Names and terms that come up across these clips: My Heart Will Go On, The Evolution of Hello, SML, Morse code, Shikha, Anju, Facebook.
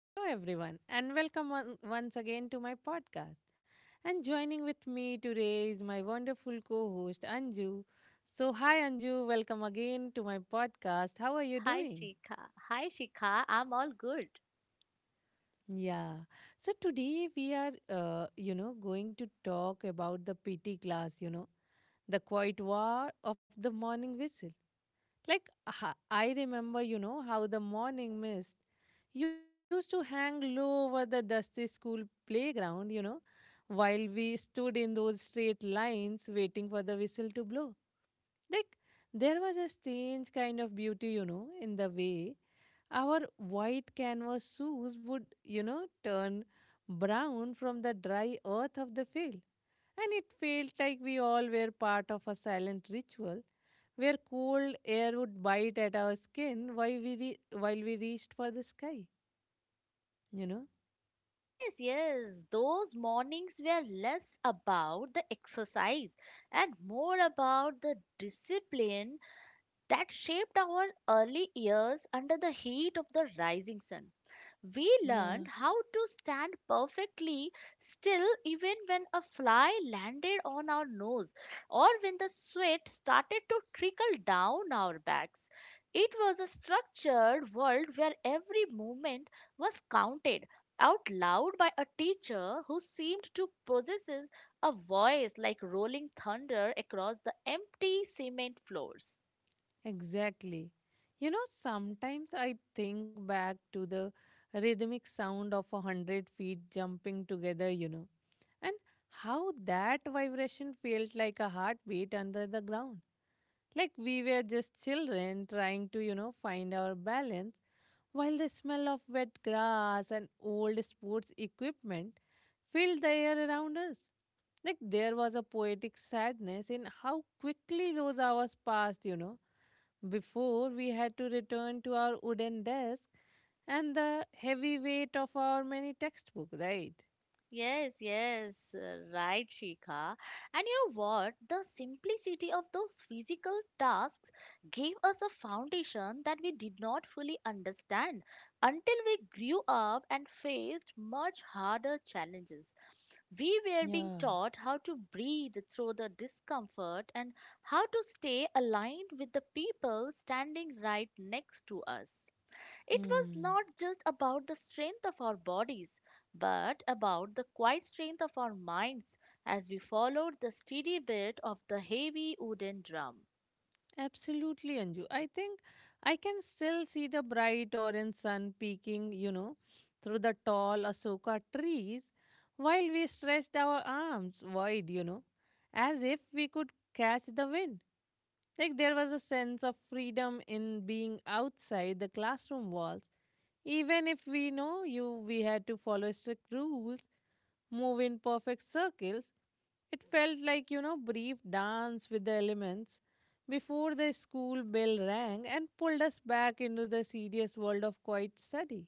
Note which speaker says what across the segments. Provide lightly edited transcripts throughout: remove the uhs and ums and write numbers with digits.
Speaker 1: Hello, everyone, and welcome once again to my podcast. And joining with me today is my wonderful co host, Anju. So, hi, Anju, welcome again to my podcast. How are you
Speaker 2: Hi,
Speaker 1: doing?
Speaker 2: Shika. Hi, Shika. I'm all good.
Speaker 1: Yeah. So, today we are, going to talk about the PT class, the quiet war of the morning whistle. Like, I remember, how the morning mist used to hang low over the dusty school playground, while we stood in those straight lines waiting for the whistle to blow. Like, there was a strange kind of beauty, in the way our white canvas shoes would, turn brown from the dry earth of the field. And it felt like we all were part of a silent ritual where cold air would bite at our skin while while we reached for the sky you know
Speaker 2: Yes, yes, those mornings were less about the exercise and more about the discipline that shaped our early years under the heat of the rising sun. We learned
Speaker 1: Yeah.
Speaker 2: how to stand perfectly still even when a fly landed on our nose or when the sweat started to trickle down our backs. It was a structured world where every movement was counted out loud by a teacher who seemed to possess a voice like rolling thunder across the empty cement floors.
Speaker 1: Exactly. Sometimes I think back to the rhythmic sound of a hundred feet jumping together, and how that vibration felt like a heartbeat under the ground. Like we were just children trying to, find our balance, while the smell of wet grass and old sports equipment filled the air around us. Like there was a poetic sadness in how quickly those hours passed, before we had to return to our wooden desk and the heavy weight of our many textbook, right?
Speaker 2: Yes, yes, right, Shikha. And you know what? The simplicity of those physical tasks gave us a foundation that we did not fully understand until we grew up and faced much harder challenges. We were being
Speaker 1: Yeah.
Speaker 2: taught how to breathe through the discomfort and how to stay aligned with the people standing right next to us. It was
Speaker 1: Hmm.
Speaker 2: not just about the strength of our bodies, but about the quiet strength of our minds as we followed the steady beat of the heavy wooden drum.
Speaker 1: Absolutely, Anju. I think I can still see the bright orange sun peeking, through the tall Asoka trees while we stretched our arms wide, as if we could catch the wind. Like there was a sense of freedom in being outside the classroom walls. Even if we know you we had to follow strict rules, move in perfect circles, it felt like, brief dance with the elements before the school bell rang and pulled us back into the serious world of quiet study.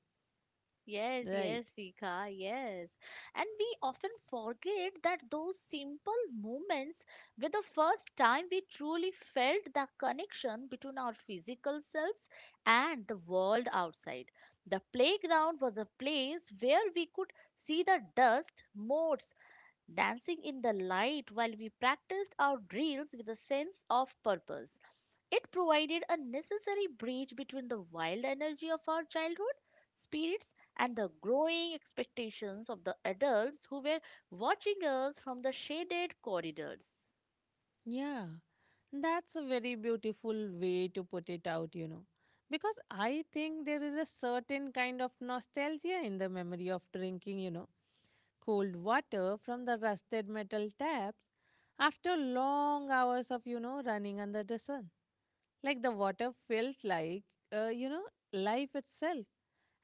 Speaker 2: Yes,
Speaker 1: Right.
Speaker 2: yes, Sika, yes. And we often forget that those simple moments were the first time we truly felt the connection between our physical selves and the world outside. The playground was a place where we could see the dust, motes, dancing in the light while we practiced our drills with a sense of purpose. It provided a necessary bridge between the wild energy of our childhood spirits and the growing expectations of the adults who were watching us from the shaded corridors.
Speaker 1: Yeah, that's a very beautiful way to put it out, Because I think there is a certain kind of nostalgia in the memory of drinking, cold water from the rusted metal taps after long hours of, running under the sun. Like the water felt like, uh, you know, life itself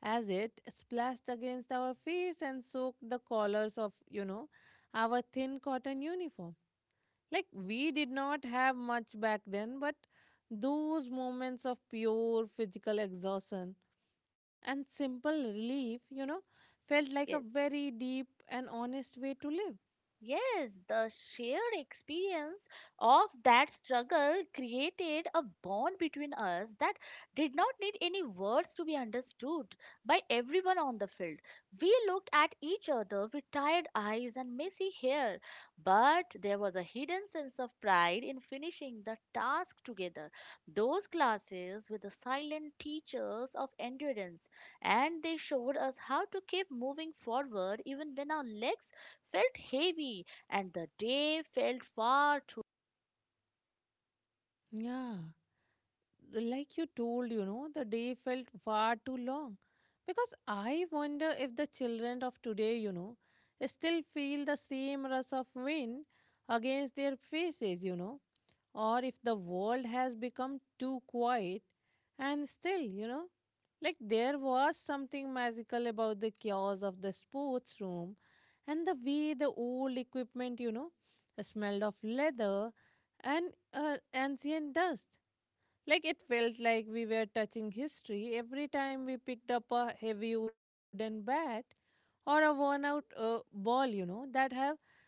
Speaker 1: as it splashed against our face and soaked the collars of, our thin cotton uniform. Like, we did not have much back then, but those moments of pure physical exhaustion and simple relief, felt like a
Speaker 2: Yes.
Speaker 1: very deep and honest way to live.
Speaker 2: Yes, the shared experience of that struggle created a bond between us that did not need any words to be understood by everyone on the field. We looked at each other with tired eyes and messy hair, but there was a hidden sense of pride in finishing the task together. Those classes were the silent teachers of endurance, and they showed us how to keep moving forward even when our legs felt heavy and the day felt far too.
Speaker 1: Yeah. Like you told, the day felt far too long. Because I wonder if the children of today, still feel the same rush of wind against their faces, or if the world has become too quiet and still. Like there was something magical about the chaos of the sports room and the way the old equipment smelled of leather and ancient dust. Like it felt like we were touching history every time we picked up a heavy wooden bat or a worn out ball, that have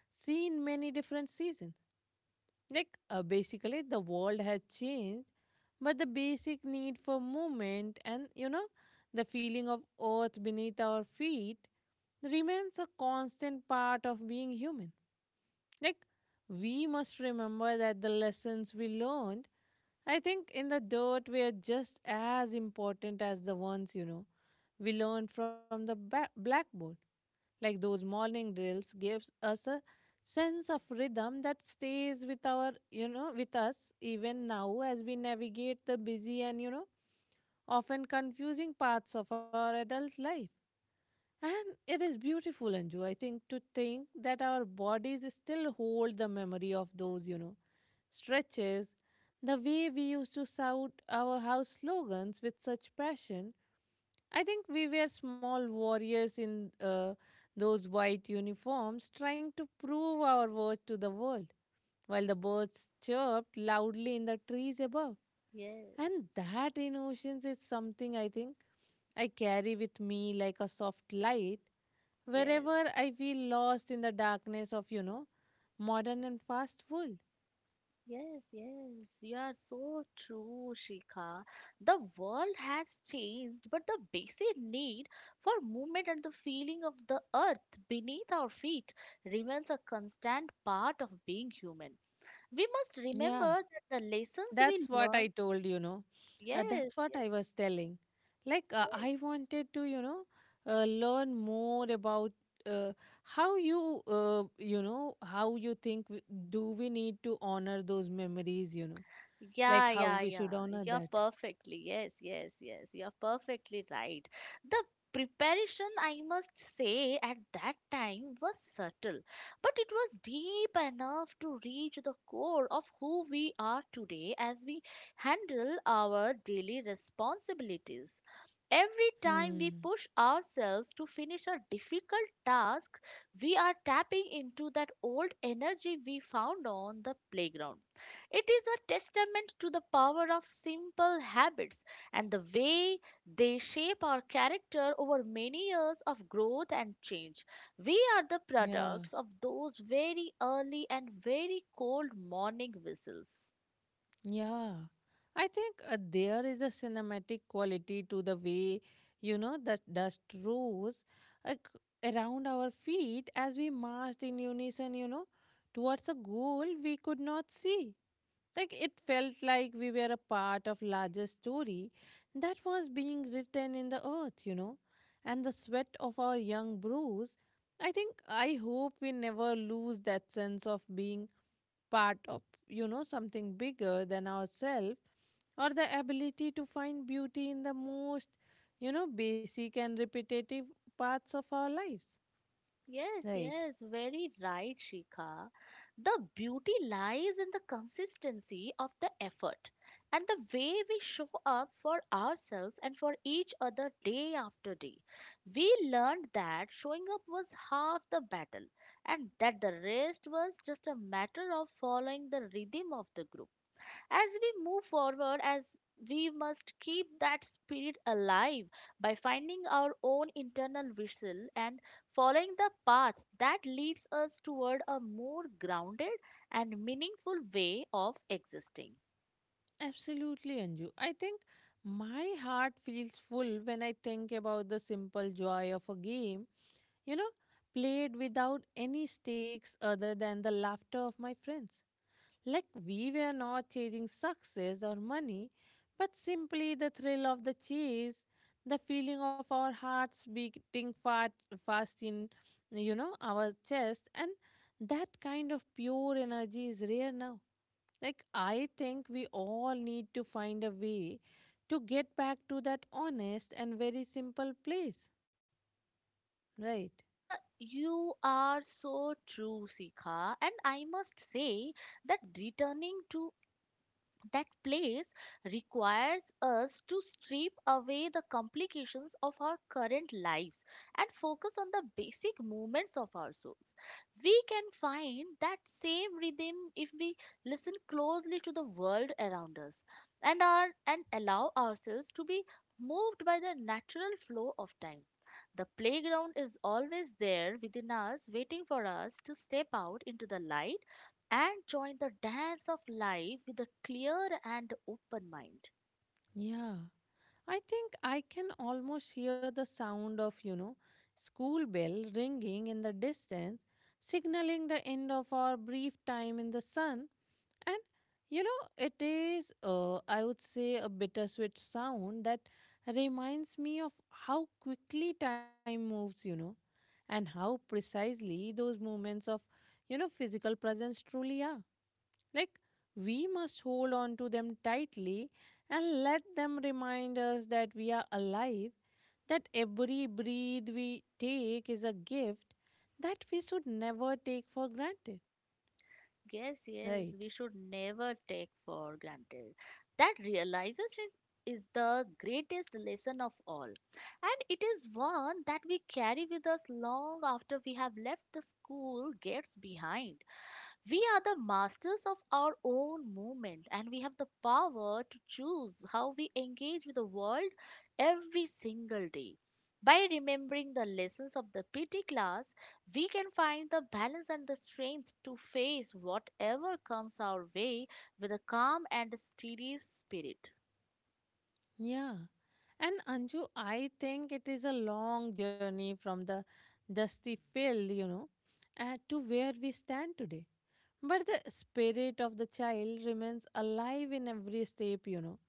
Speaker 1: seen many different seasons. Like basically, the world has changed, but the basic need for movement and the feeling of earth beneath our feet remains a constant part of being human. Like, we must remember that the lessons we learned, I think, in the dirt were just as important as the ones, we learned from the blackboard. Like, those morning drills gives us a sense of rhythm that stays with our, with us even now as we navigate the busy and, often confusing paths of our adult life. And it is beautiful, Anju, I think, to think that our bodies still hold the memory of those, stretches. The way we used to shout our house slogans with such passion. I think we were small warriors in those white uniforms trying to prove our worth to the world, while the birds chirped loudly in the trees above.
Speaker 2: Yes,
Speaker 1: And that innocence is something I think I carry with me like a soft light
Speaker 2: yes,
Speaker 1: wherever I feel lost in the darkness of, modern and fast food.
Speaker 2: yes, yes. You are so true, Shikha. The world has changed, but the basic need for movement and the feeling of the earth beneath our feet remains a constant part of being human. We must
Speaker 1: Yeah.
Speaker 2: remember that the lessons we
Speaker 1: That's what I
Speaker 2: learn.
Speaker 1: told,
Speaker 2: Yes,
Speaker 1: that's what
Speaker 2: yes,
Speaker 1: I was telling. I
Speaker 2: yes.
Speaker 1: wanted to, learn more about uh, how you, how you do we need to honor those memories,
Speaker 2: Yeah,
Speaker 1: like how
Speaker 2: yeah,
Speaker 1: we should
Speaker 2: yeah.
Speaker 1: honor
Speaker 2: You're
Speaker 1: that.
Speaker 2: perfectly, yes, yes, yes. You're perfectly right. The preparation, I must say, at that time was subtle, but it was deep enough to reach the core of who we are today as we handle our daily responsibilities. Every time we
Speaker 1: Hmm.
Speaker 2: push ourselves to finish a difficult task, we are tapping into that old energy we found on the playground. It is a testament to the power of simple habits and the way they shape our character over many years of growth and change. We are the
Speaker 1: Yeah.
Speaker 2: products of those very early and very cold morning whistles.
Speaker 1: Yeah, I think there is a cinematic quality to the way, the dust rose like, around our feet as we marched in unison, towards a goal we could not see. Like it felt like we were a part of larger story that was being written in the earth, and the sweat of our young brows. I think I hope we never lose that sense of being part of something bigger than ourselves or the ability to find beauty in the most basic and repetitive parts of our lives,
Speaker 2: Yes,
Speaker 1: right?
Speaker 2: yes, very right, Shikha. The beauty lies in the consistency of the effort and the way we show up for ourselves and for each other day after day. We learned that showing up was half the battle and that the rest was just a matter of following the rhythm of the group. As we must keep that spirit alive by finding our own internal whistle and following the path that leads us toward a more grounded and meaningful way of existing.
Speaker 1: Absolutely, Anju. I think my heart feels full when I think about the simple joy of a game you know played without any stakes other than the laughter of my friends. Like we were not chasing success or money, but simply the thrill of the chase, the feeling of our hearts beating fast in, our chest, and that kind of pure energy is rare now. Like I think we all need to find a way to get back to that honest and very simple place, right?
Speaker 2: You are so true, Sikha, and I must say that returning to that place requires us to strip away the complications of our current lives and focus on the basic movements of our souls. We can find that same rhythm if we listen closely to the world around us and allow ourselves to be moved by the natural flow of time. The playground is always there within us, waiting for us to step out into the light and join the dance of life with a clear and open mind.
Speaker 1: Yeah. I think I can almost hear the sound of, school bell ringing in the distance, signaling the end of our brief time in the sun. And, it is, I would say, a bittersweet sound that reminds me of how quickly time moves, and how precisely those moments of, physical presence truly are. Like, we must hold on to them tightly and let them remind us that we are alive, that every breath we take is a gift that we should never take for granted.
Speaker 2: Yes,
Speaker 1: Right?
Speaker 2: yes, we should never take for granted. That realization is the greatest lesson of all. And it is one that we carry with us long after we have left the school gates behind. We are the masters of our own movement and we have the power to choose how we engage with the world every single day. By remembering the lessons of the PT class, we can find the balance and the strength to face whatever comes our way with a calm and steady spirit.
Speaker 1: Yeah. And Anju, I think it is a long journey from the dusty field, to where we stand today. But the spirit of the child remains alive in every step,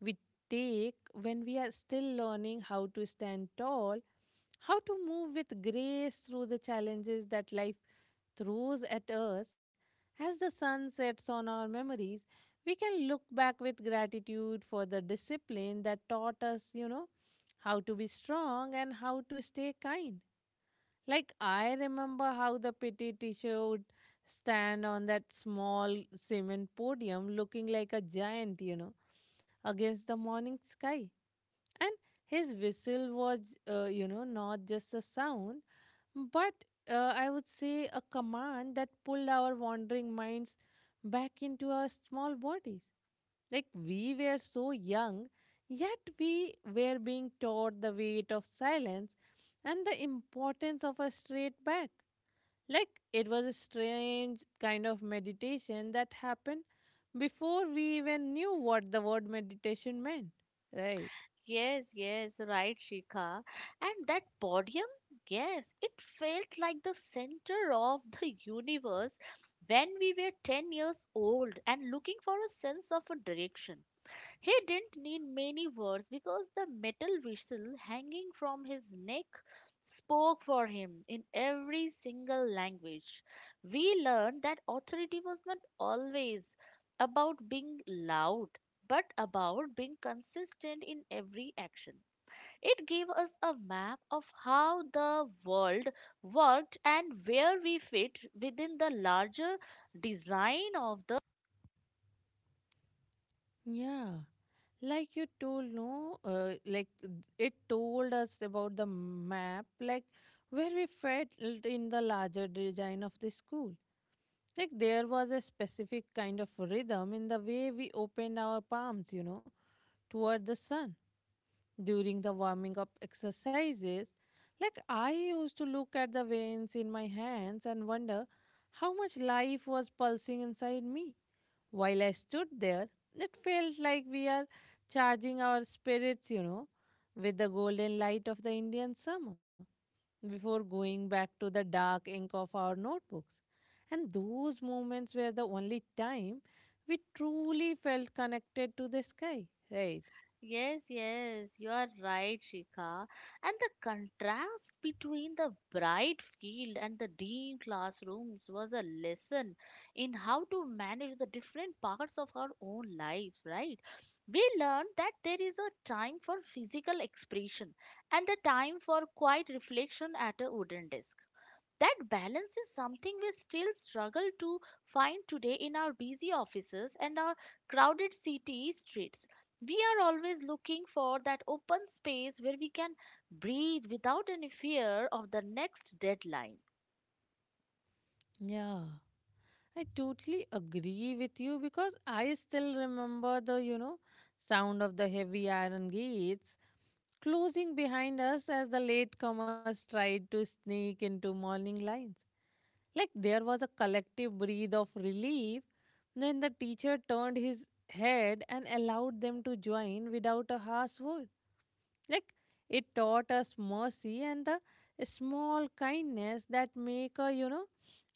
Speaker 1: we take when we are still learning how to stand tall, how to move with grace through the challenges that life throws at us. As the sun sets on our memories, we can look back with gratitude for the discipline that taught us, how to be strong and how to stay kind. Like I remember how the PT teacher would stand on that small cement podium looking like a giant, against the morning sky. And his whistle was, not just a sound, but I would say a command that pulled our wandering minds back into our small bodies. Like we were so young, yet we were being taught the weight of silence and the importance of a straight back. Like it was a strange kind of meditation that happened before we even knew what the word meditation meant. Right.
Speaker 2: Yes, yes, right, Shikha. And that podium, yes, it felt like the center of the universe when we were 10 years old and looking for a sense of a direction. He didn't need many words because the metal whistle hanging from his neck spoke for him in every single language. We learned that authority was not always about being loud, but about being consistent in every action. It gave us a map of how the world worked and where we fit within the larger design of the...
Speaker 1: Yeah. Like you told, no, like it told us about the map, like where we felt in the larger design of the school. Like there was a specific kind of rhythm in the way we opened our palms, toward the sun during the warming up exercises. Like I used to look at the veins in my hands and wonder how much life was pulsing inside me. While I stood there, it felt like we are charging our spirits, with the golden light of the Indian summer before going back to the dark ink of our notebooks. And those moments were the only time we truly felt connected to the sky, right?
Speaker 2: Yes, yes, you are right, Shika. And the contrast between the bright field and the dim classrooms was a lesson in how to manage the different parts of our own lives, right? We learned that there is a time for physical expression and a time for quiet reflection at a wooden desk. That balance is something we still struggle to find today in our busy offices and our crowded city streets. We are always looking for that open space where we can breathe without any fear of the next deadline.
Speaker 1: Yeah, I totally agree with you because I still remember the, sound of the heavy iron gates closing behind us as the latecomers tried to sneak into morning lines. Like there was a collective breath of relief. Then the teacher turned his head and allowed them to join without a harsh word. Like it taught us mercy and the small kindness that make a,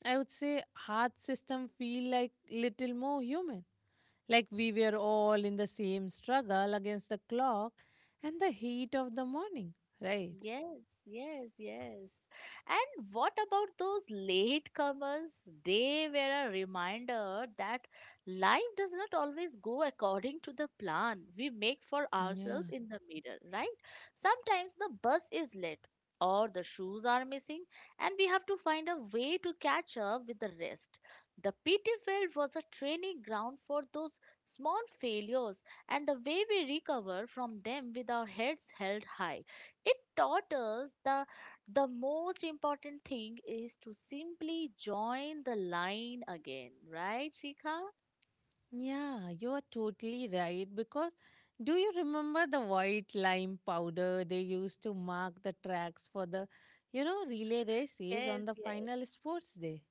Speaker 1: I would say heart system feel like little more human. Like we were all in the same struggle against the clock and the heat of the morning, right?
Speaker 2: Yes, yes, yes. And what about those latecomers? They were a reminder that life does not always go according to the plan we make for
Speaker 1: Yeah.
Speaker 2: ourselves in the mirror, right? Sometimes the bus is late or the shoes are missing, and we have to find a way to catch up with the rest. The PT field was a training ground for those small failures and the way we recover from them with our heads held high. It taught us that the most important thing is to simply join the line again, right, Shikha?
Speaker 1: Yeah, you're totally right. Because do you remember the white lime powder they used to mark the tracks for the, relay races on
Speaker 2: Yes,
Speaker 1: the
Speaker 2: yes.
Speaker 1: final sports day?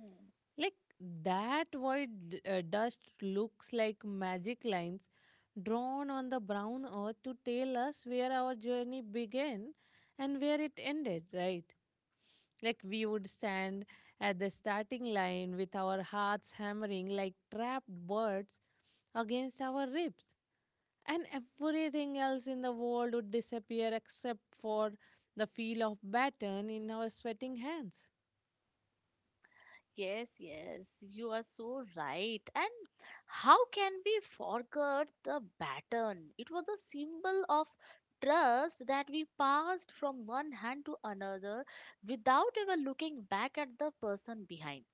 Speaker 2: Hmm.
Speaker 1: Like that white dust looks like magic lines drawn on the brown earth to tell us where our journey began and where it ended, right? Like we would stand at the starting line with our hearts hammering like trapped birds against our ribs, and everything else in the world would disappear except for the feel of baton in our sweating hands.
Speaker 2: Yes, yes, you are so right. And how can we forget the baton? It was a symbol of trust that we passed from one hand to another without ever looking back at the person behind.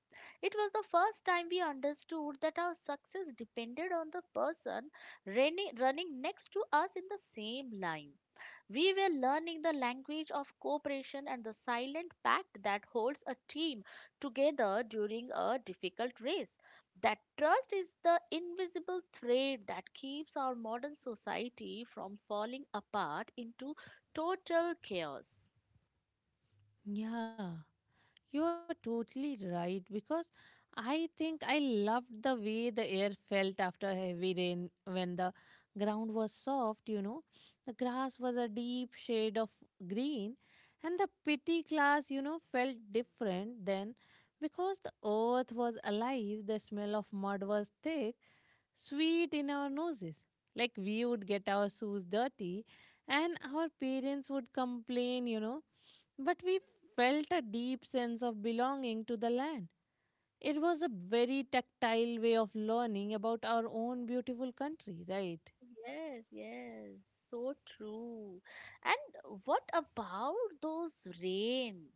Speaker 2: It was the first time we understood that our success depended on the person running next to us in the same line. We were learning the language of cooperation and the silent pact that holds a team together during a difficult race. That trust is the invisible thread that keeps our modern society from falling apart into total chaos.
Speaker 1: Yeah, you are totally right because I think I loved the way the air felt after heavy rain when the ground was soft. The grass was a deep shade of green, and the pity class, felt different then because the earth was alive, the smell of mud was thick, sweet in our noses. Like we would get our shoes dirty, and our parents would complain, but we felt a deep sense of belonging to the land. It was a very tactile way of learning about our own beautiful country, right?
Speaker 2: Yes, yes, so true. And what about those rain?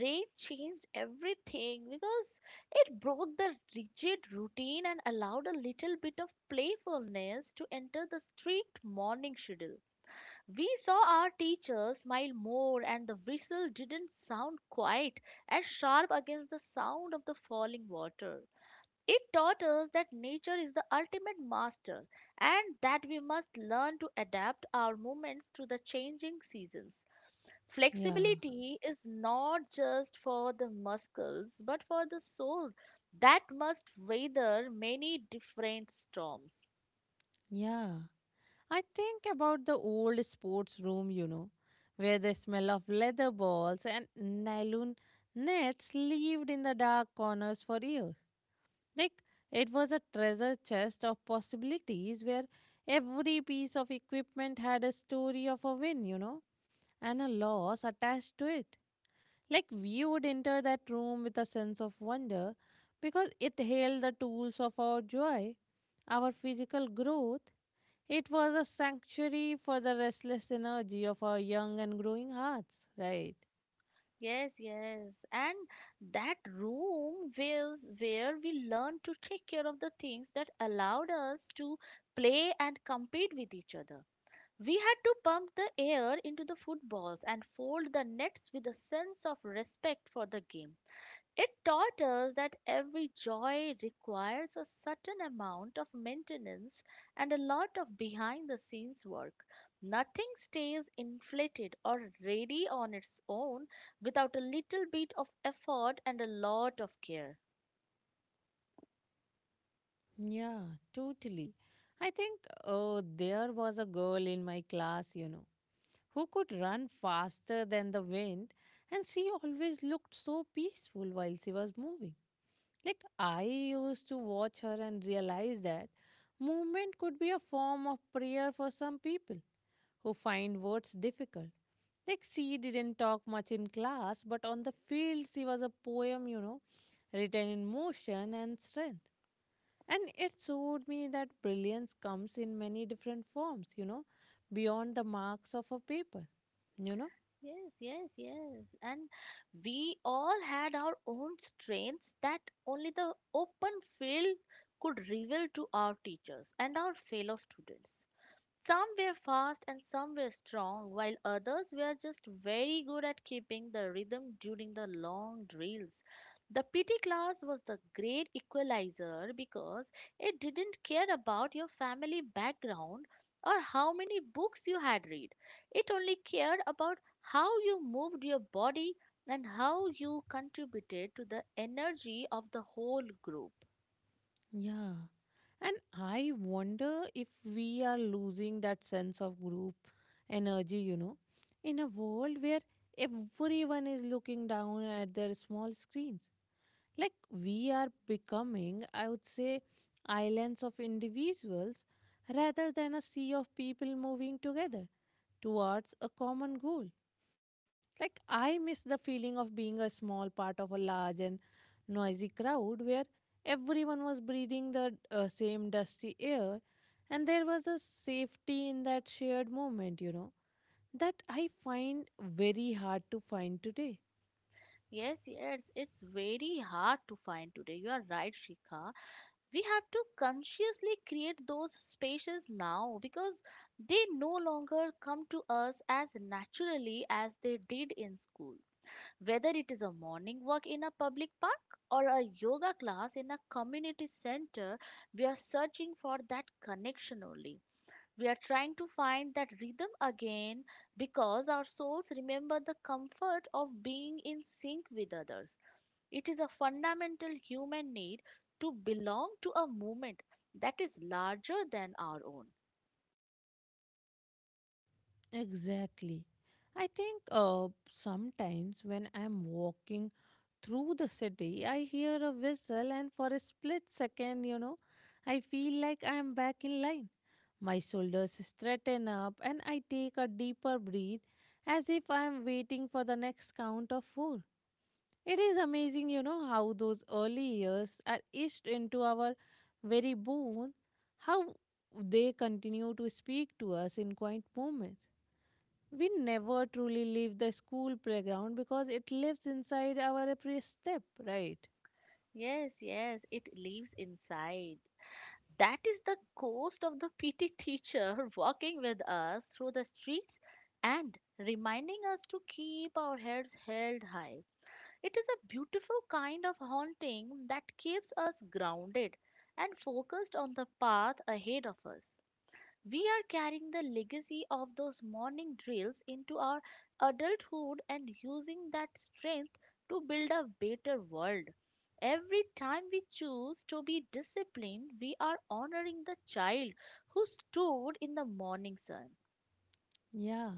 Speaker 2: Rain changed everything because it broke the rigid routine and allowed a little bit of playfulness to enter the strict morning schedule. We saw our teacher smile more, and the whistle didn't sound quite as sharp against the sound of the falling water. It taught us that nature is the ultimate master and that we must learn to adapt our movements to the changing seasons.
Speaker 1: Yeah,
Speaker 2: Flexibility is not just for the muscles but for the soul that must weather many different storms.
Speaker 1: yeah. I think about the old sports room, where the smell of leather balls and nylon nets lived in the dark corners for years. Like it was a treasure chest of possibilities where every piece of equipment had a story of a win, and a loss attached to it. Like we would enter that room with a sense of wonder because it held the tools of our joy, our physical growth. It was a sanctuary for the restless energy of our young and growing hearts, right?
Speaker 2: Yes, yes. And that room was where we learned to take care of the things that allowed us to play and compete with each other. We had to pump the air into the footballs and fold the nets with a sense of respect for the game. It taught us that every joy requires a certain amount of maintenance and a lot of behind the scenes work. Nothing stays inflated or ready on its own without a little bit of effort and a lot of care.
Speaker 1: Yeah, totally. I think, oh, there was a girl in my class, who could run faster than the wind, and she always looked so peaceful while she was moving. Like, I used to watch her and realize that movement could be a form of prayer for some people who find words difficult. Like, she didn't talk much in class, but on the field, she was a poem, written in motion and strength. And it showed me that brilliance comes in many different forms, beyond the marks of a paper, you know.
Speaker 2: Yes, yes, yes. And we all had our own strengths that only the open field could reveal to our teachers and our fellow students. Some were fast and some were strong, while others were just very good at keeping the rhythm during the long drills. The PT class was the great equalizer because it didn't care about your family background or how many books you had read. It only cared about how you moved your body and how you contributed to the energy of the whole group.
Speaker 1: Yeah. And I wonder if we are losing that sense of group energy, in a world where everyone is looking down at their small screens. Like we are becoming, I would say, islands of individuals rather than a sea of people moving together towards a common goal. Like, I miss the feeling of being a small part of a large and noisy crowd where everyone was breathing the same dusty air and there was a safety in that shared moment, that I find very hard to find today.
Speaker 2: Yes, yes, it's very hard to find today. You are right, Shikha. We have to consciously create those spaces now because they no longer come to us as naturally as they did in school. Whether it is a morning walk in a public park or a yoga class in a community center, we are searching for that connection only. We are trying to find that rhythm again because our souls remember the comfort of being in sync with others. It is a fundamental human need to belong to a movement that is larger than our own.
Speaker 1: Exactly. I think sometimes when I'm walking through the city, I hear a whistle, and for a split second, I feel like I am back in line. My shoulders straighten up, and I take a deeper breath as if I am waiting for the next count of four. It is amazing, how those early years are etched into our very bones, how they continue to speak to us in quiet moments. We never truly leave the school playground because it lives inside our every step, right?
Speaker 2: Yes, yes, it lives inside. That is the ghost of the PT teacher walking with us through the streets and reminding us to keep our heads held high. It is a beautiful kind of haunting that keeps us grounded and focused on the path ahead of us. We are carrying the legacy of those morning drills into our adulthood and using that strength to build a better world. Every time we choose to be disciplined, we are honoring the child who stood in the morning sun.
Speaker 1: Yeah.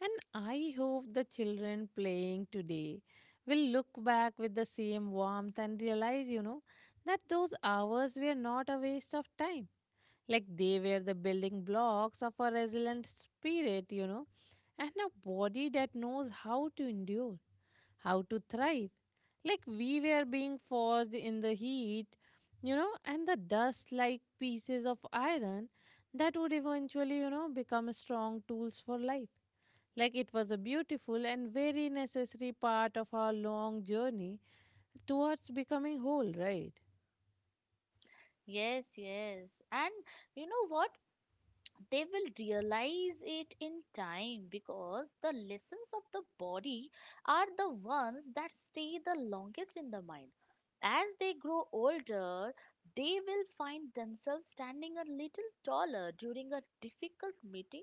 Speaker 1: And I hope the children playing today will look back with the same warmth and realize, that those hours were not a waste of time. Like they were the building blocks of a resilient spirit, and a body that knows how to endure. How to thrive. Like we were being forced in the heat, and the dust like pieces of iron that would eventually, become strong tools for life. Like it was a beautiful and very necessary part of our long journey towards becoming whole, right?
Speaker 2: Yes, yes. And you know what? They will realize it in time because the lessons of the body are the ones that stay the longest in the mind. As they grow older, they will find themselves standing a little taller during a difficult meeting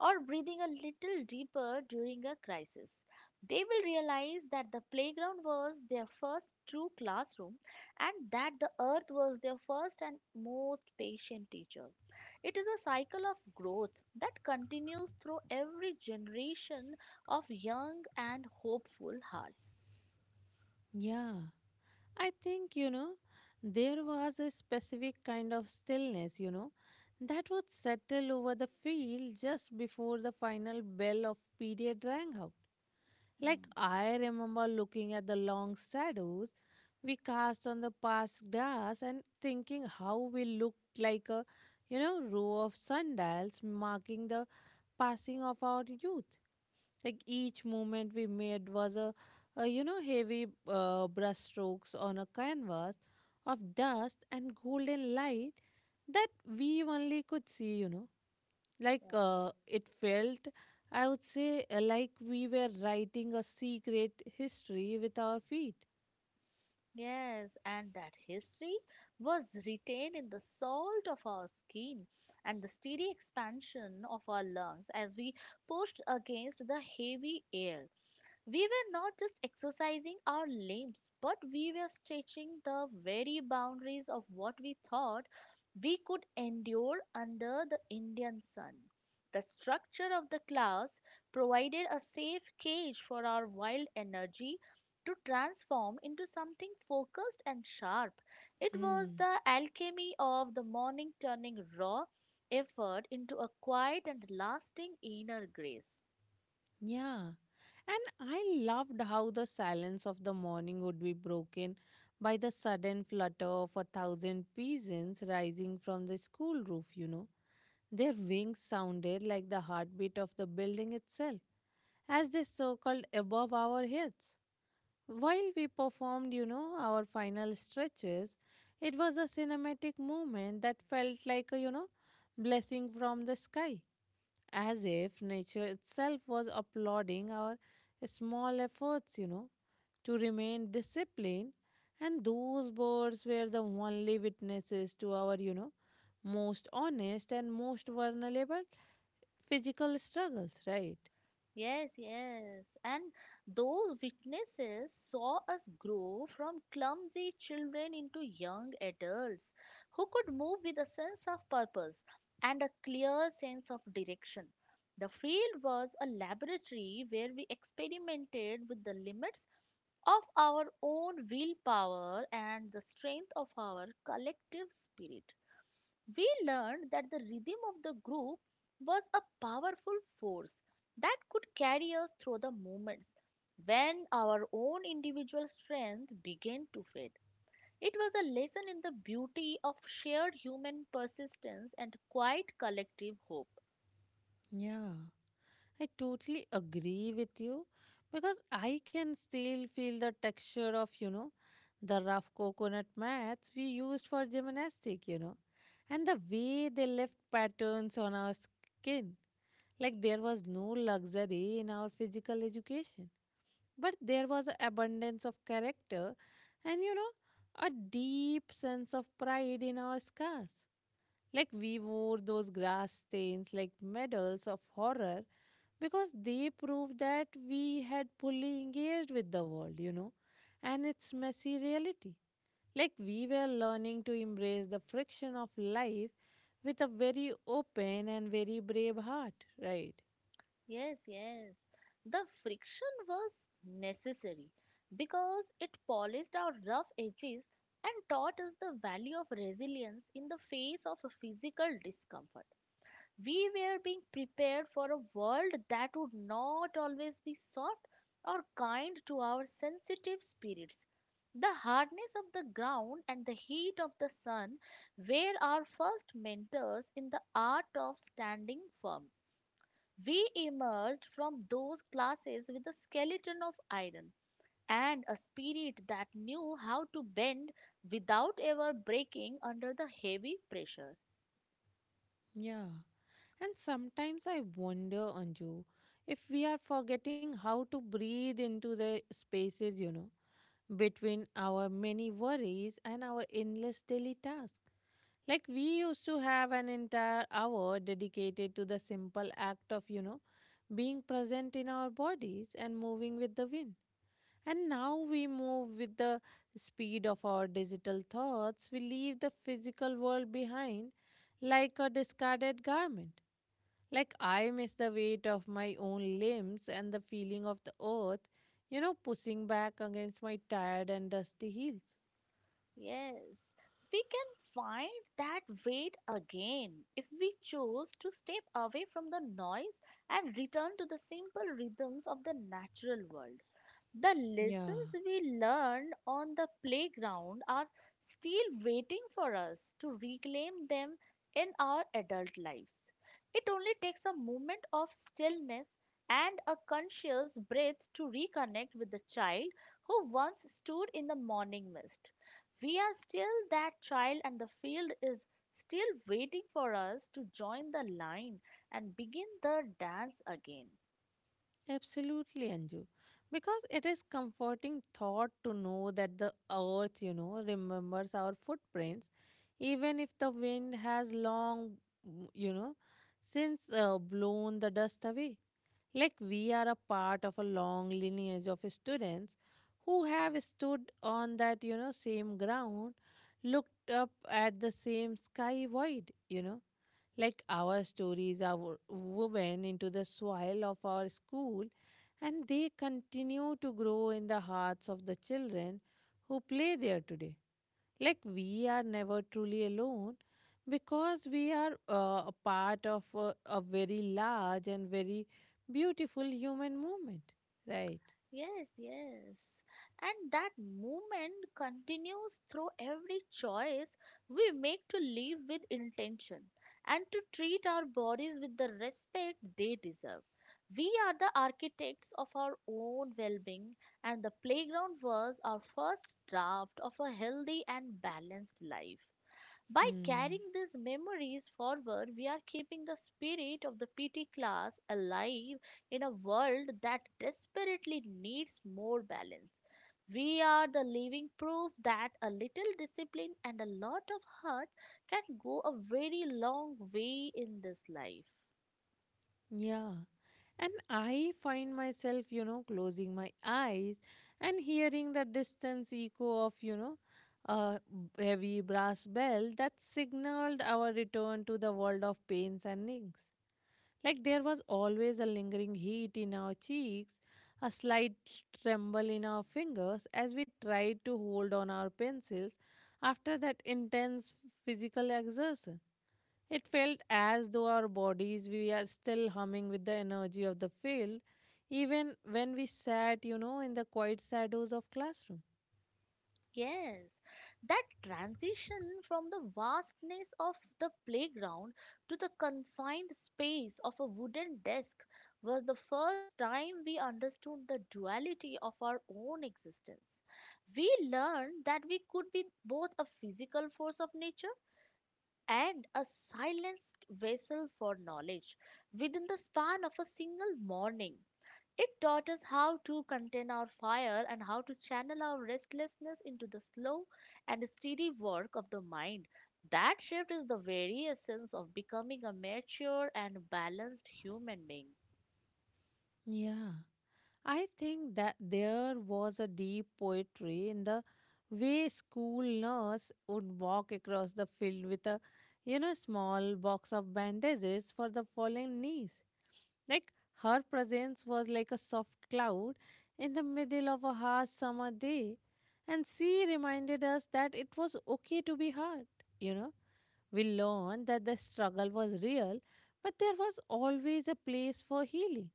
Speaker 2: or breathing a little deeper during a crisis. They will realize that the playground was their first true classroom and that the earth was their first and most patient teacher. It is a cycle of growth that continues through every generation of young and hopeful hearts.
Speaker 1: Yeah. I think, there was a specific kind of stillness, that would settle over the field just before the final bell of period rang out. Like,
Speaker 2: Mm.
Speaker 1: I remember looking at the long shadows we cast on the past grass and thinking how we looked like a row of sundials marking the passing of our youth. Like each movement we made was a heavy brushstrokes on a canvas of dust and golden light that we only could see. Like it felt, I would say, like we were writing a secret history with our feet.
Speaker 2: Yes, and that history was retained in the salt of our skin and the steady expansion of our lungs as we pushed against the heavy air. We were not just exercising our limbs, but we were stretching the very boundaries of what we thought we could endure under the Indian sun. The structure of the class provided a safe cage for our wild energy to transform into something focused and sharp. It was
Speaker 1: Hmm.
Speaker 2: the alchemy of the morning turning raw effort into a quiet and lasting inner grace.
Speaker 1: Yeah. And I loved how the silence of the morning would be broken by the sudden flutter of a thousand pigeons rising from the school roof. Their wings sounded like the heartbeat of the building itself as they circled above our heads. While we performed, our final stretches, it was a cinematic moment that felt like a blessing from the sky as if nature itself was applauding our small efforts, to remain disciplined. And those birds were the only witnesses to our, most honest and most vulnerable physical struggles, right?
Speaker 2: Yes, yes. And those witnesses saw us grow from clumsy children into young adults who could move with a sense of purpose and a clear sense of direction. The field was a laboratory where we experimented with the limits of our own willpower and the strength of our collective spirit. We learned that the rhythm of the group was a powerful force that could carry us through the moments when our own individual strength began to fade. It was a lesson in the beauty of shared human persistence and quiet collective hope.
Speaker 1: Yeah. I totally agree with you because I can still feel the texture of the rough coconut mats we used for gymnastics, and the way they left patterns on our skin. Like there was no luxury in our physical education, but there was an abundance of character and a deep sense of pride in our scars. Like we wore those grass stains like medals of horror because they proved that we had fully engaged with the world, and its messy reality. Like we were learning to embrace the friction of life with a very open and very brave heart, right?
Speaker 2: Yes, yes. The friction was necessary because it polished our rough edges and taught us the value of resilience in the face of physical discomfort. We were being prepared for a world that would not always be soft or kind to our sensitive spirits. The hardness of the ground and the heat of the sun were our first mentors in the art of standing firm. We emerged from those classes with a skeleton of iron and a spirit that knew how to bend without ever breaking under the heavy pressure.
Speaker 1: Yeah. And sometimes I wonder, Anju, if we are forgetting how to breathe into the spaces, between our many worries and our endless daily tasks. Like we used to have an entire hour dedicated to the simple act of being present in our bodies and moving with the wind. And now we move with the speed of our digital thoughts. We leave the physical world behind like a discarded garment. Like, I miss the weight of my own limbs and the feeling of the earth, pushing back against my tired and dusty heels.
Speaker 2: Yes, we can find that weight again if we choose to step away from the noise and return to the simple rhythms of the natural world. The
Speaker 1: Yeah,
Speaker 2: lessons we learned on the playground are still waiting for us to reclaim them in our adult lives. It only takes a moment of stillness and a conscious breath to reconnect with the child who once stood in the morning mist. We are still that child, and the field is still waiting for us to join the line and begin the dance again.
Speaker 1: absolutely, Anju. Because it is comforting thought to know that the earth, remembers our footprints, even if the wind has long, mm, you know, since uh, blown the dust away. Like we are a part of a long lineage of students who have stood on that, same ground, looked up at the same sky void. Like our stories are woven into the soil of our school and they continue to grow in the hearts of the children who play there today. Like we are never truly alone because we are a part of a very large and very beautiful human movement, right?
Speaker 2: Yes, yes. And that movement continues through every choice we make to live with intention and to treat our bodies with the respect they deserve. We are the architects of our own well being, and the playground was our first draft of a healthy and balanced life. By
Speaker 1: Hmm.
Speaker 2: carrying these memories forward, we are keeping the spirit of the PT class alive in a world that desperately needs more balance. We are the living proof that a little discipline and a lot of heart can go a very long way in this life.
Speaker 1: Yeah. And I find myself, closing my eyes and hearing the distance echo of a heavy brass bell that signaled our return to the world of pains and aches. Like there was always a lingering heat in our cheeks, a slight tremble in our fingers as we tried to hold on our pencils after that intense physical exertion. It felt as though our bodies we are still humming with the energy of the field, even when we sat, in the quiet shadows of classroom.
Speaker 2: Yes, that transition from the vastness of the playground to the confined space of a wooden desk was the first time we understood the duality of our own existence. We learned that we could be both a physical force of nature and a silenced vessel for knowledge within the span of a single morning. It taught us how to contain our fire and how to channel our restlessness into the slow and steady work of the mind. That shift is the very essence of becoming a mature and balanced human being.
Speaker 1: Yeah. I think that there was a deep poetry in the way school nurse would walk across the field with a small box of bandages for the fallen knees. Like her presence was like a soft cloud in the middle of a harsh summer day and she reminded us that it was okay to be hurt, you know we learned that the struggle was real, but there was always a place for healing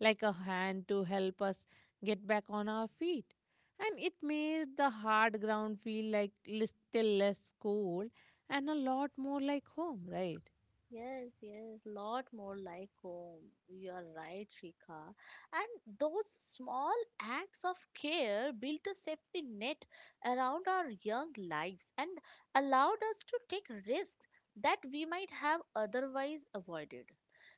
Speaker 1: like a hand to help us get back on our feet. And it made the hard ground feel like little less cold and a lot more like home, right?
Speaker 2: Yes, yes, lot more like home. You are right, Shikha. And those small acts of care built a safety net around our young lives and allowed us to take risks that we might have otherwise avoided.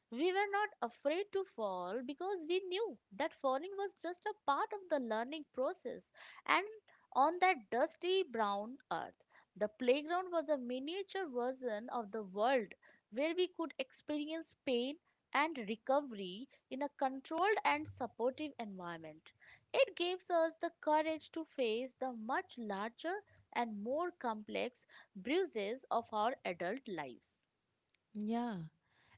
Speaker 2: We were not afraid to fall because we knew that falling was just a part of the learning process. And on that dusty brown earth, the playground was a miniature version of the world where we could experience pain and recovery in a controlled and supportive environment. It gives us the courage to face the much larger and more complex bruises of our adult lives.
Speaker 1: Yeah.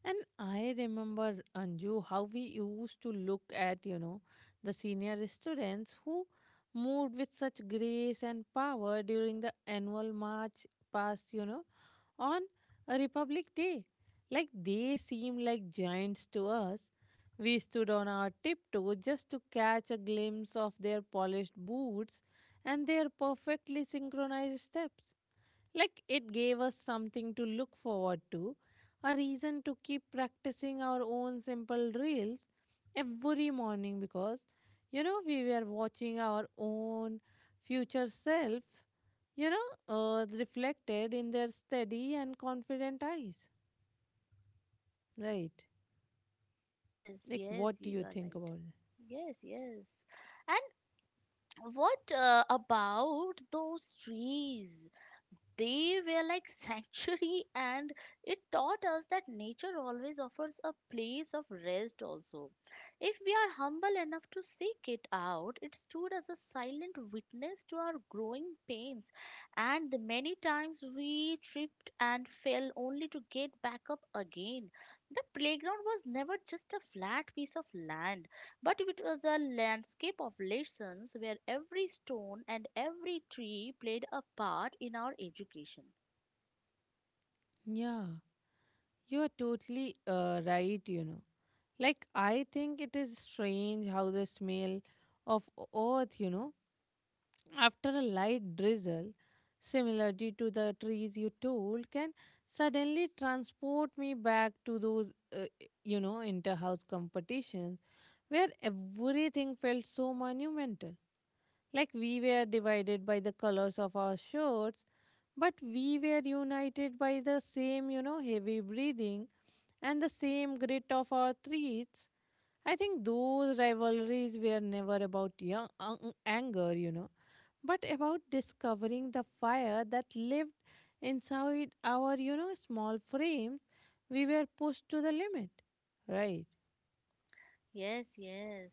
Speaker 1: And I remember, Anju, how we used to look at, the senior students who moved with such grace and power during the annual march past, on a Republic Day. Like they seemed like giants to us. We stood on our tiptoes just to catch a glimpse of their polished boots and their perfectly synchronized steps. Like it gave us something to look forward to, a reason to keep practicing our own simple reels every morning because, we were watching our own future self, reflected in their steady and confident eyes. Right.
Speaker 2: Yes,
Speaker 1: Like,
Speaker 2: yes,
Speaker 1: what do
Speaker 2: you
Speaker 1: you
Speaker 2: are
Speaker 1: think
Speaker 2: right.
Speaker 1: about that?
Speaker 2: Yes, yes. And what about those trees? They were like sanctuary, and it taught us that nature always offers a place of rest also. If we are humble enough to seek it out, it stood as a silent witness to our growing pains, and the many times we tripped and fell only to get back up again. The playground was never just a flat piece of land. But it was a landscape of lessons where every stone and every tree played a part in our education.
Speaker 1: Yeah, you are totally right, Like, I think it is strange how the smell of earth, after a light drizzle, similarity to the trees you told can suddenly transport me back to those inter-house competitions where everything felt so monumental. Like we were divided by the colors of our shirts, but we were united by the same, heavy breathing and the same grit of our threats. I think those rivalries were never about young, anger, but about discovering the fire that lived inside our, small frames, we were pushed to the limit. Right.
Speaker 2: Yes, yes.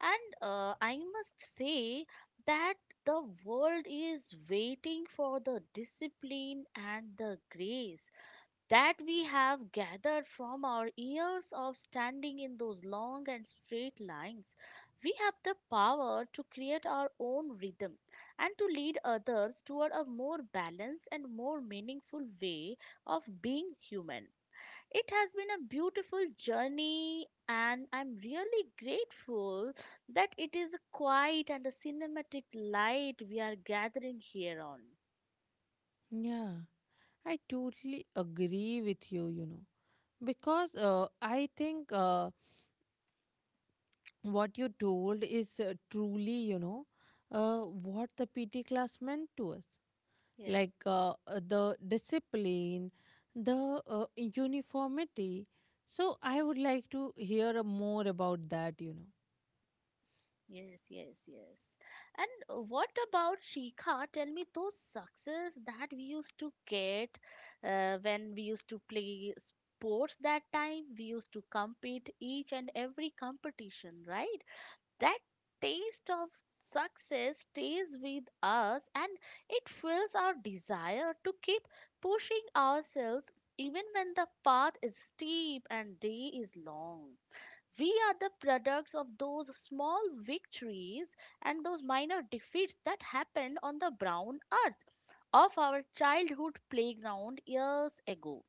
Speaker 2: And I must say that the world is waiting for the discipline and the grace that we have gathered from our years of standing in those long and straight lines. We have the power to create our own rhythm and to lead others toward a more balanced and more meaningful way of being human. It has been a beautiful journey, and I'm really grateful that it is a quiet and a cinematic light we are gathering here on.
Speaker 1: Yeah, I totally agree with you, because I think what you told is truly, what the PT class meant to us.
Speaker 2: Yes.
Speaker 1: Like the discipline, the uniformity. So I would like to hear more about that.
Speaker 2: Yes, yes, yes. And what about Shikha? Tell me those success that we used to get when we used to play sports that time. We used to compete each and every competition, right? That taste of success stays with us and it fuels our desire to keep pushing ourselves even when the path is steep and day is long. We are the products of those small victories and those minor defeats that happened on the brown earth of our childhood playground years ago.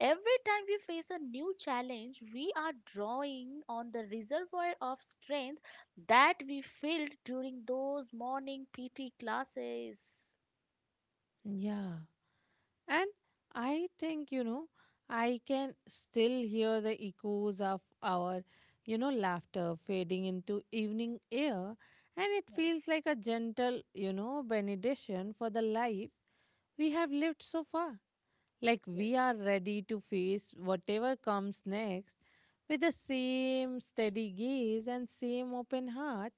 Speaker 2: Every time we face a new challenge, we are drawing on the reservoir of strength that we filled during those morning PT classes.
Speaker 1: Yeah. And I think, I can still hear the echoes of our, laughter fading into evening air. And it
Speaker 2: Yeah.
Speaker 1: feels like a gentle, benediction for the life we have lived so far. Like
Speaker 2: Yes,
Speaker 1: we are ready to face whatever comes next with the same steady gaze and same open heart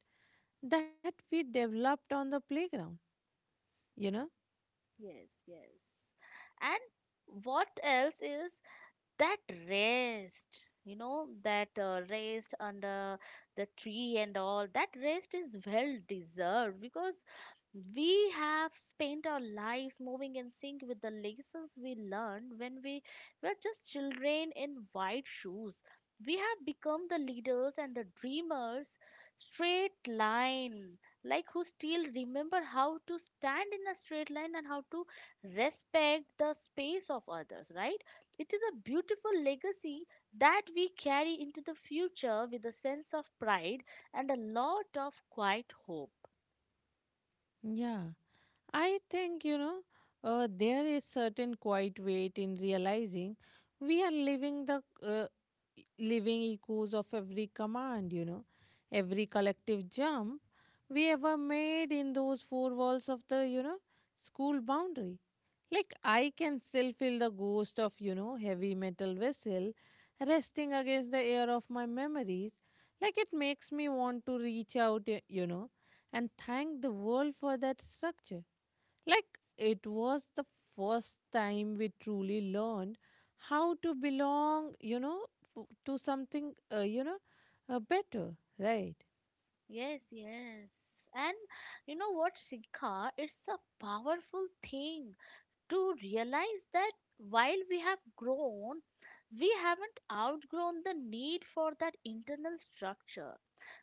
Speaker 1: that we developed on the playground, you know?
Speaker 2: yes, yes. And what else is that rest, you know, that rest under the tree and all? That rest is well deserved because we have spent our lives moving in sync with the lessons we learned when we were just children in white shoes. We have become the leaders and the dreamers, straight line like, who still remember how to stand in a straight line and how to respect the space of others, right? It is a beautiful legacy that we carry into the future with a sense of pride and a lot of quiet hope.
Speaker 1: Yeah. I think, there is certain quiet weight in realizing we are living the living echoes of every command, every collective jump we ever made in those four walls of the, school boundary. Like I can still feel the ghost of, heavy metal vessel resting against the air of my memories. Like it makes me want to reach out, and thank the world for that structure like it was the first time we truly learned how to belong, to something, better, right?
Speaker 2: Yes, yes. And you know what, Shikha? It's a powerful thing to realize that while we have grown, we haven't outgrown the need for that internal structure.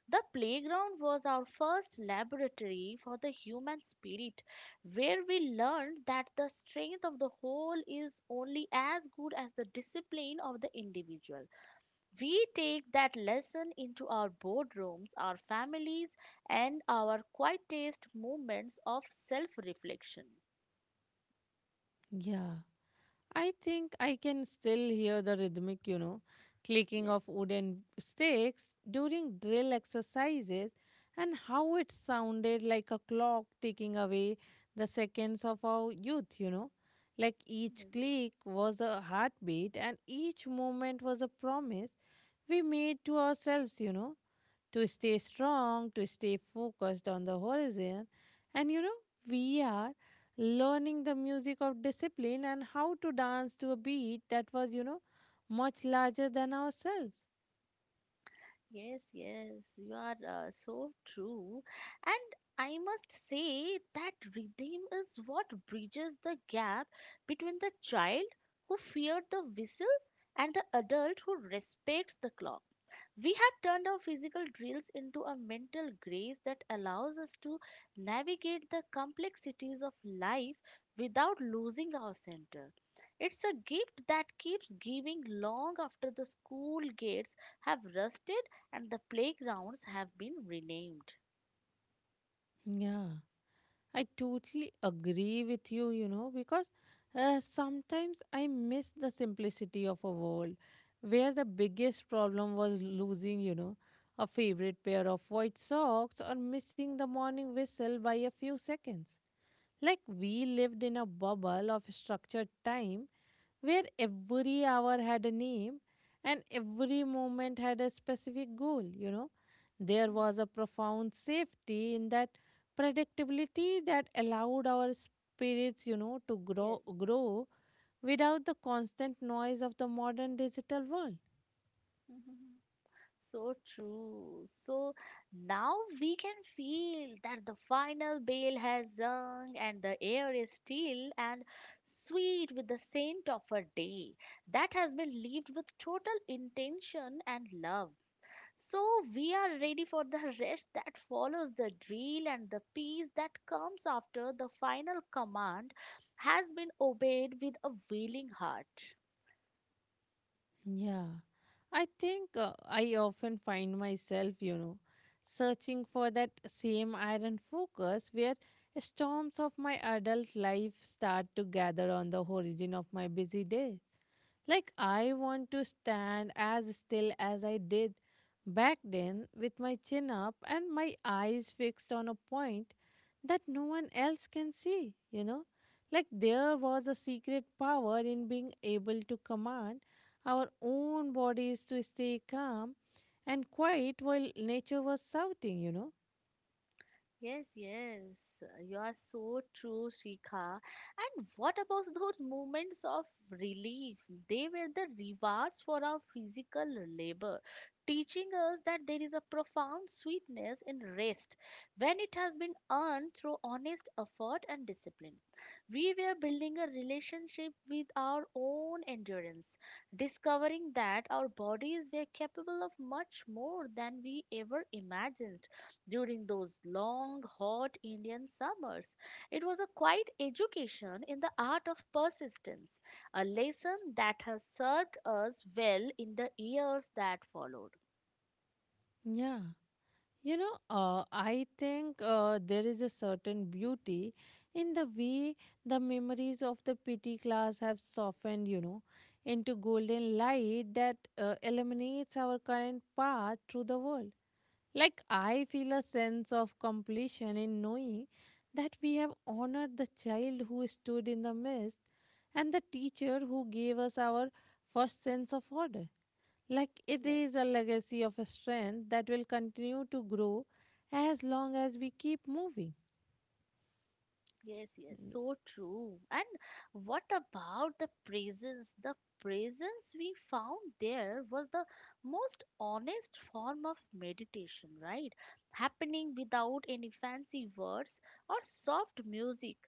Speaker 2: The playground was our first laboratory for the human spirit, where we learned that the strength of the whole is only as good as the discipline of the individual. We take that lesson into our boardrooms, our families, and our quietest moments of self reflection.
Speaker 1: Yeah. I think I can still hear the rhythmic, clicking
Speaker 2: Yes.
Speaker 1: of wooden sticks during drill exercises and how it sounded like a clock ticking away the seconds of our youth, Like each click was a heartbeat and each moment was a promise we made to ourselves, to stay strong, to stay focused on the horizon. And we are learning the music of discipline and how to dance to a beat that was, much larger than ourselves.
Speaker 2: Yes, yes, you are so true. And I must say that rhythm is what bridges the gap between the child who feared the whistle and the adult who respects the clock. We have turned our physical drills into a mental grace that allows us to navigate the complexities of life without losing our center. It's a gift that keeps giving long after the school gates have rusted and the playgrounds have been renamed.
Speaker 1: Yeah, I totally agree with you, because sometimes I miss the simplicity of a world where the biggest problem was losing, a favorite pair of white socks or missing the morning whistle by a few seconds. Like we lived in a bubble of structured time where every hour had a name and every moment had a specific goal, There
Speaker 2: Mm.
Speaker 1: was a profound safety in that predictability that allowed our spirits, to grow
Speaker 2: Yes.
Speaker 1: grow without the constant noise of the modern digital world.
Speaker 2: So true. So now we can feel that the final bell has rung and the air is still and sweet with the scent of a day that has been lived with total intention and love. So we are ready for the rest that follows the drill and the peace that comes after the final command has been obeyed with a willing heart.
Speaker 1: Yeah, I think I often find myself, searching for that same iron focus where storms of my adult life start to gather on the horizon of my busy day. Like, I want to stand as still as I did back then, with my chin up and my eyes fixed on a point that no one else can see, Like, there was a secret power in being able to command our own bodies to stay calm and quiet while nature was shouting,
Speaker 2: Yes, yes, you are so true, Shikha. And what about those moments of relief? They were the rewards for our physical labor, teaching us that there is a profound sweetness in rest when it has been earned through honest effort and discipline. We were building a relationship with our own endurance, discovering that our bodies were capable of much more than we ever imagined during those long, hot Indian summers. It was a quiet education in the art of persistence, a lesson that has served us well in the years that followed.
Speaker 1: Yeah. I think there is a certain beauty in the way the memories of the PT class have softened, into golden light that illuminates our current path through the world. Like, I feel a sense of completion in knowing that we have honored the child who stood in the midst and the teacher who gave us our first sense of order. Like, it
Speaker 2: Yes.
Speaker 1: is a legacy of a strength that will continue to grow as long as we keep moving.
Speaker 2: Yes, yes,
Speaker 1: N-
Speaker 2: so true. And what about the presence? The presence we found there was the most honest form of meditation, right? Happening without any fancy words or soft music,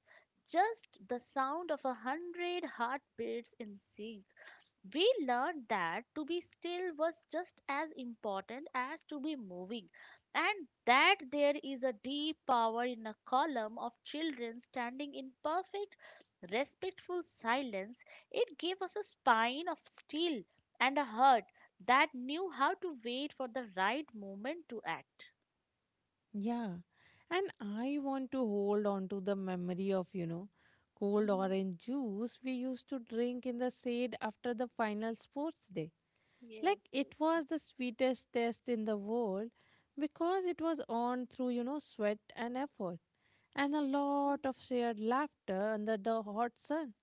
Speaker 2: just the sound of a hundred heartbeats in sync. We learned that to be still was just as important as to be moving, and that there is a deep power in a column of children standing in perfect, respectful silence. It gave us a spine of steel and a heart that knew how to wait for the right moment to act.
Speaker 1: Yeah. And I want to hold on to the memory of, cold orange juice we used to drink in the shade after the final sports day like
Speaker 2: Yes, yes,
Speaker 1: it
Speaker 2: yes.
Speaker 1: was the sweetest test in the world because it was earned through sweat and effort and a lot of shared laughter under the hot sun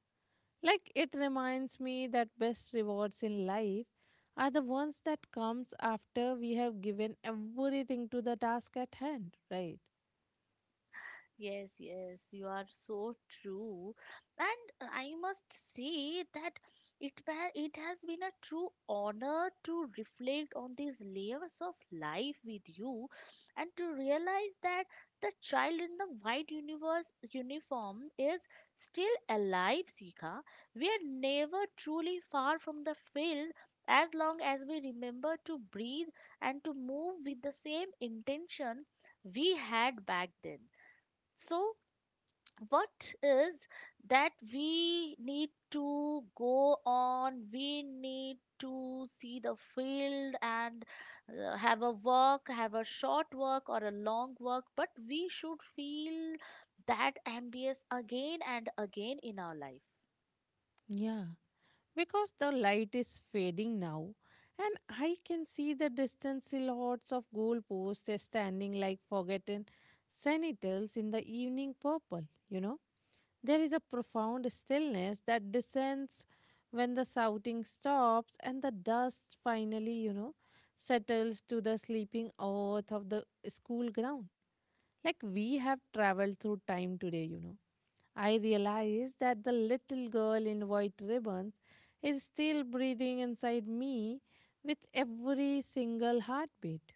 Speaker 1: like it reminds me that best rewards in life are the ones that comes after we have given everything to the task at hand right
Speaker 2: Yes, yes, you are so true. And I must say that it has been a true honor to reflect on these layers of life with you and to realize that the child in the white universe uniform is still alive, Sika. We are never truly far from the field as long as we remember to breathe and to move with the same intention we had back then. So, what is that we need to go on, we need to see the field and have a work, have a short work or a long work, but we should feel that ambience again and again in our life.
Speaker 1: yeah because the light is fading now and I can see the distant silhouettes of goalposts standing like forgotten sentinels in the evening purple, you know. There is a profound stillness that descends when the shouting stops and the dust finally, settles to the sleeping earth of the school ground. Like we have traveled through time today, I realize that the little girl in white ribbons is still breathing inside me with every single heartbeat.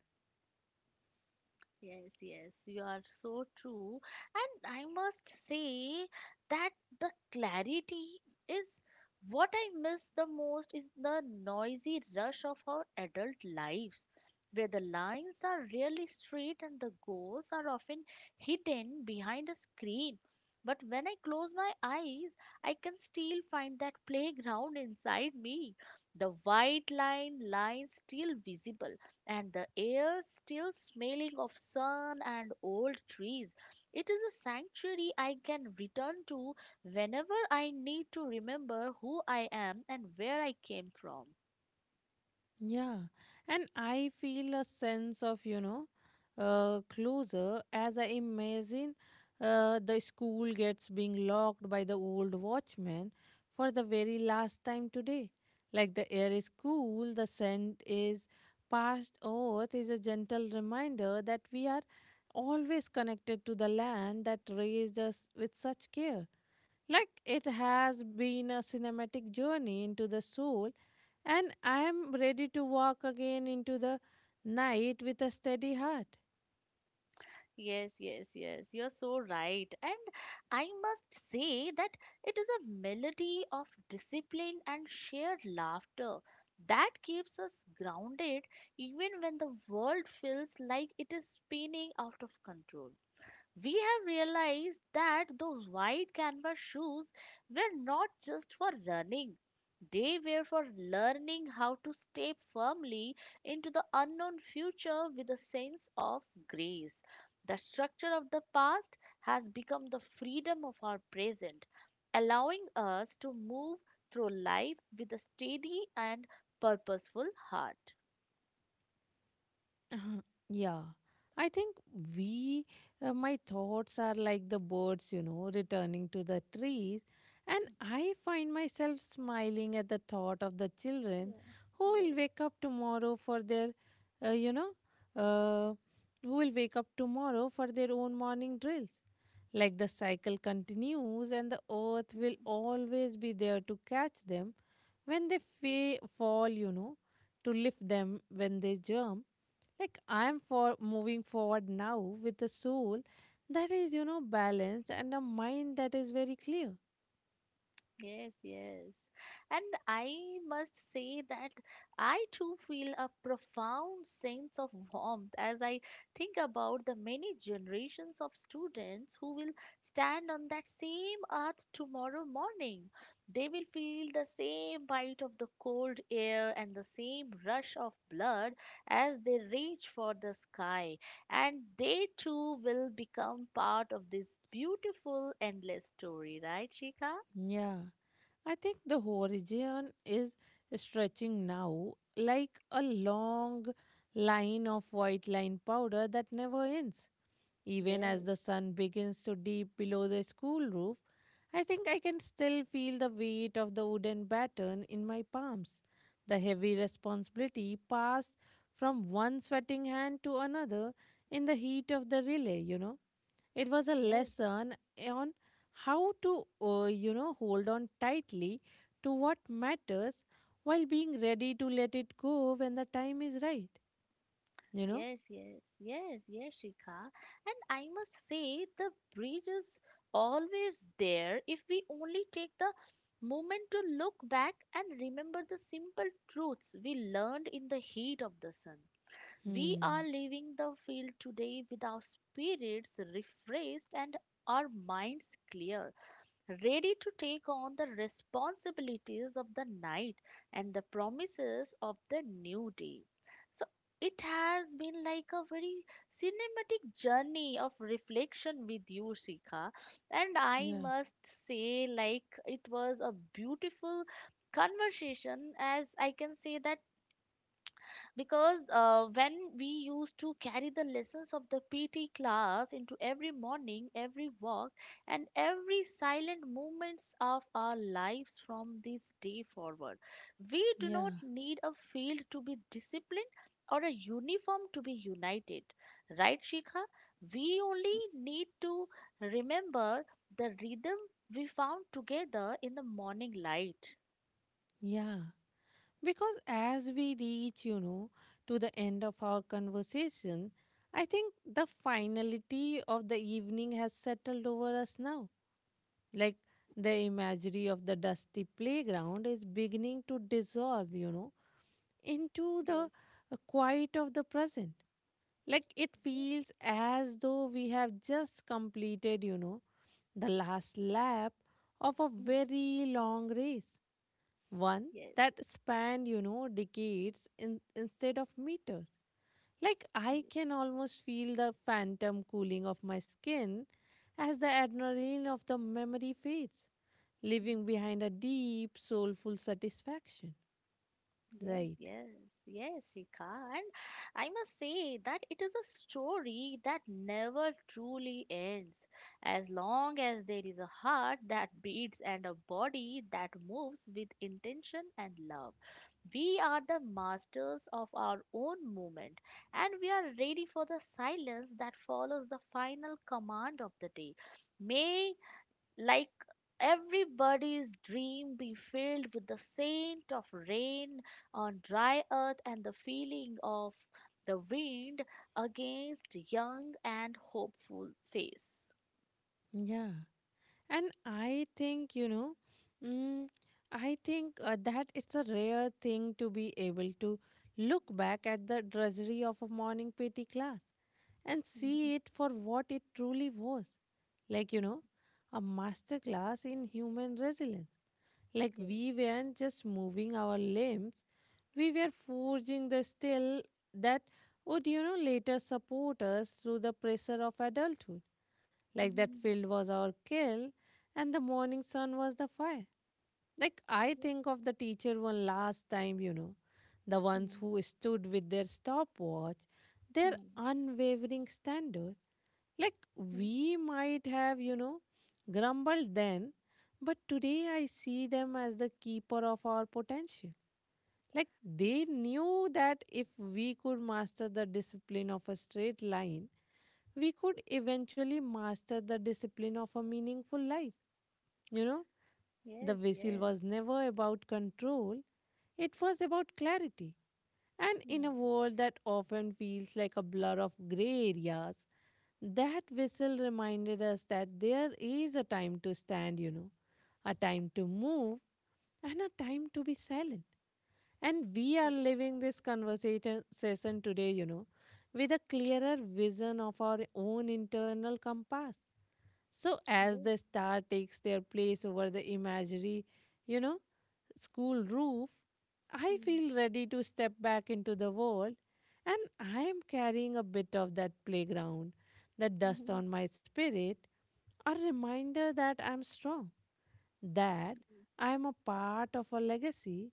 Speaker 2: Yes, yes, you are so true. And I must say that the clarity is what I miss the most is the noisy rush of our adult lives, where the lines are really straight and the goals are often hidden behind a screen. But when I close my eyes, I can still find that playground inside me. The white line still visible and the air still smelling of sun and old trees. It is a sanctuary I can return to whenever I need to remember who I am and where I came from.
Speaker 1: Yeah, and I feel a sense of, closer as I imagine the school gets being locked by the old watchman for the very last time today. Like the air is cool, the scent is past earth is a gentle reminder that we are always connected to the land that raised us with such care. Like it has been a cinematic journey into the soul and I am ready to walk again into the night with a steady heart.
Speaker 2: Yes, yes, yes, you're so right. And I must say that it is a melody of discipline and shared laughter that keeps us grounded even when the world feels like it is spinning out of control. We have realized that those wide canvas shoes were not just for running, they were for learning how to step firmly into the unknown future with a sense of grace. The structure of the past has become the freedom of our present, allowing us to move through life with a steady and purposeful heart.
Speaker 1: Uh-huh. Yeah, I think we, my thoughts are like the birds, returning to the trees, and I find myself smiling at the thought of the children
Speaker 2: Yeah,
Speaker 1: who
Speaker 2: yes.
Speaker 1: will wake up tomorrow for uh, you know, uh, who will wake up tomorrow for their own morning drills. Like the cycle continues, and the earth will always be there to catch them when they fall, to lift them when they jump. Like I am for moving forward now with a soul that is, balanced and a mind that is very clear.
Speaker 2: Yes, yes. And I must say that I too feel a profound sense of warmth as I think about the many generations of students who will stand on that same earth tomorrow morning. They will feel the same bite of the cold air and the same rush of blood as they reach for the sky. And they too will become part of this beautiful, endless story, right, Shika?
Speaker 1: Yeah, I think the horizon is stretching now like a long line of white line powder that never ends. Even
Speaker 2: Yes.
Speaker 1: as the sun begins to dip below the school roof, I think I can still feel the weight of the wooden baton in my palms. The heavy responsibility passed from one sweating hand to another in the heat of the relay, It was a
Speaker 2: Yes,
Speaker 1: lesson on how to, hold on tightly to what matters while being ready to let it go when the time is right, you know.
Speaker 2: yes, yes, yes, yes, Shikha. And I must say, the bridge is always there if we only take the moment to look back and remember the simple truths we learned in the heat of the sun. We are
Speaker 1: Hmm.
Speaker 2: leaving the field today with our spirits refreshed and our minds clear. Ready to take on the responsibilities of the night and the promises of the new day. So it has been like a very cinematic journey of reflection with you, Shikha. And I
Speaker 1: Yeah.
Speaker 2: must say, like, it was a beautiful conversation, as I can say that because when we used to carry the lessons of the PT class into every morning, every walk, and every silent moments of our lives from this day forward, we do not
Speaker 1: Yeah.
Speaker 2: need a field to be disciplined or a uniform to be united. Right, Shikha? We only need to remember the rhythm we found together in the morning light.
Speaker 1: Yeah. Because as we reach, to the end of our conversation, I think the finality of the evening has settled over us now. Like the imagery of the dusty playground is beginning to dissolve, into the
Speaker 2: Yes.
Speaker 1: quiet of the present. Like it
Speaker 2: Yes.
Speaker 1: feels as though we have just completed, the last lap of a very long race one
Speaker 2: Yes.
Speaker 1: that spanned, decades in, instead of meters. Like
Speaker 2: Yes.
Speaker 1: I can almost feel the phantom cooling of my skin as the adrenaline of the memory fades, leaving behind a deep, soulful satisfaction.
Speaker 2: Yes,
Speaker 1: Right.
Speaker 2: yes, yes, Rika. And I must say that it is a story that never truly ends. As long as there is a heart that beats and a body that moves with intention and love, we are the masters of our own movement and we are ready for the silence that follows the final command of the day. May, like, everybody's dream be filled with the scent of rain on dry earth and the feeling of the wind against young and hopeful face.
Speaker 1: Yeah. And I think, mm, I think that it's a rare thing to be able to look back at the drudgery of a morning PT class and
Speaker 2: Mhm,
Speaker 1: see it for what it truly was like,
Speaker 2: mhm.
Speaker 1: a master class in human resilience. Like
Speaker 2: Yes.
Speaker 1: we weren't just moving our limbs, we were forging the steel that would, later support us through the pressure of adulthood. Like that
Speaker 2: Mhm.
Speaker 1: field was our kill, and the morning sun was the fire. Like, I
Speaker 2: Yes.
Speaker 1: think of the teacher one last time, the ones
Speaker 2: Mhm,
Speaker 1: who stood with their stopwatch, their
Speaker 2: mhm,
Speaker 1: unwavering standard. Like,
Speaker 2: mhm.
Speaker 1: we might have, grumbled then, but today I see them as the keeper of our potential. Like,
Speaker 2: Ye-
Speaker 1: they knew that if we could master the discipline of a straight line, we could eventually master the discipline of a meaningful life. You know, the
Speaker 2: Yes.
Speaker 1: whistle
Speaker 2: Yes.
Speaker 1: was never about control, it was about clarity. And in a
Speaker 2: Mhm.
Speaker 1: world that often feels like a blur of gray areas, that whistle reminded us that there is a time to stand, a time to move, and a time to be silent. And we are
Speaker 2: Yes.
Speaker 1: living this conversation session today, with a clearer vision of our own internal compass. So, as
Speaker 2: Yes.
Speaker 1: the star takes their place over the imaginary, you know, school roof, I feel ready to step back into the world, and I am carrying a bit of that playground, the dust
Speaker 2: Mhm,
Speaker 1: on my spirit, a reminder that I'm strong, that
Speaker 2: mhm.
Speaker 1: I'm a part of a legacy,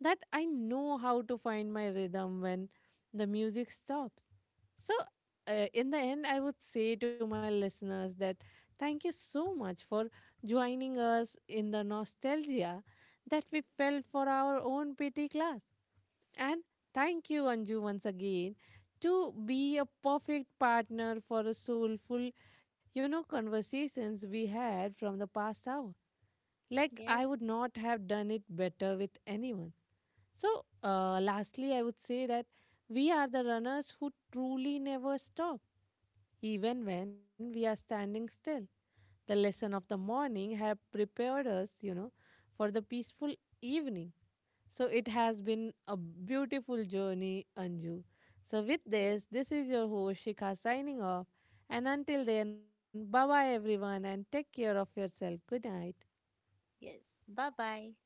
Speaker 1: that I know how to find my rhythm when the music stops. So, in the end, I would say to my listeners that thank you so much for joining us in the nostalgia that we felt for our own PT class. And thank you, Anju, once again, to be a perfect partner for a soulful, conversations we had from the past hour. Like, I
Speaker 2: Yes.
Speaker 1: would not have done it better with anyone. So, lastly, I would say that we are the runners who truly never stop, even when we are standing still. The lesson of the morning have prepared us, for the peaceful evening so it has been a beautiful journey, Anju. So with
Speaker 2: Yes.
Speaker 1: this, this is your host Shikha signing off. And until then, bye bye everyone and take care of yourself. Good night.
Speaker 2: Yes. Bye bye.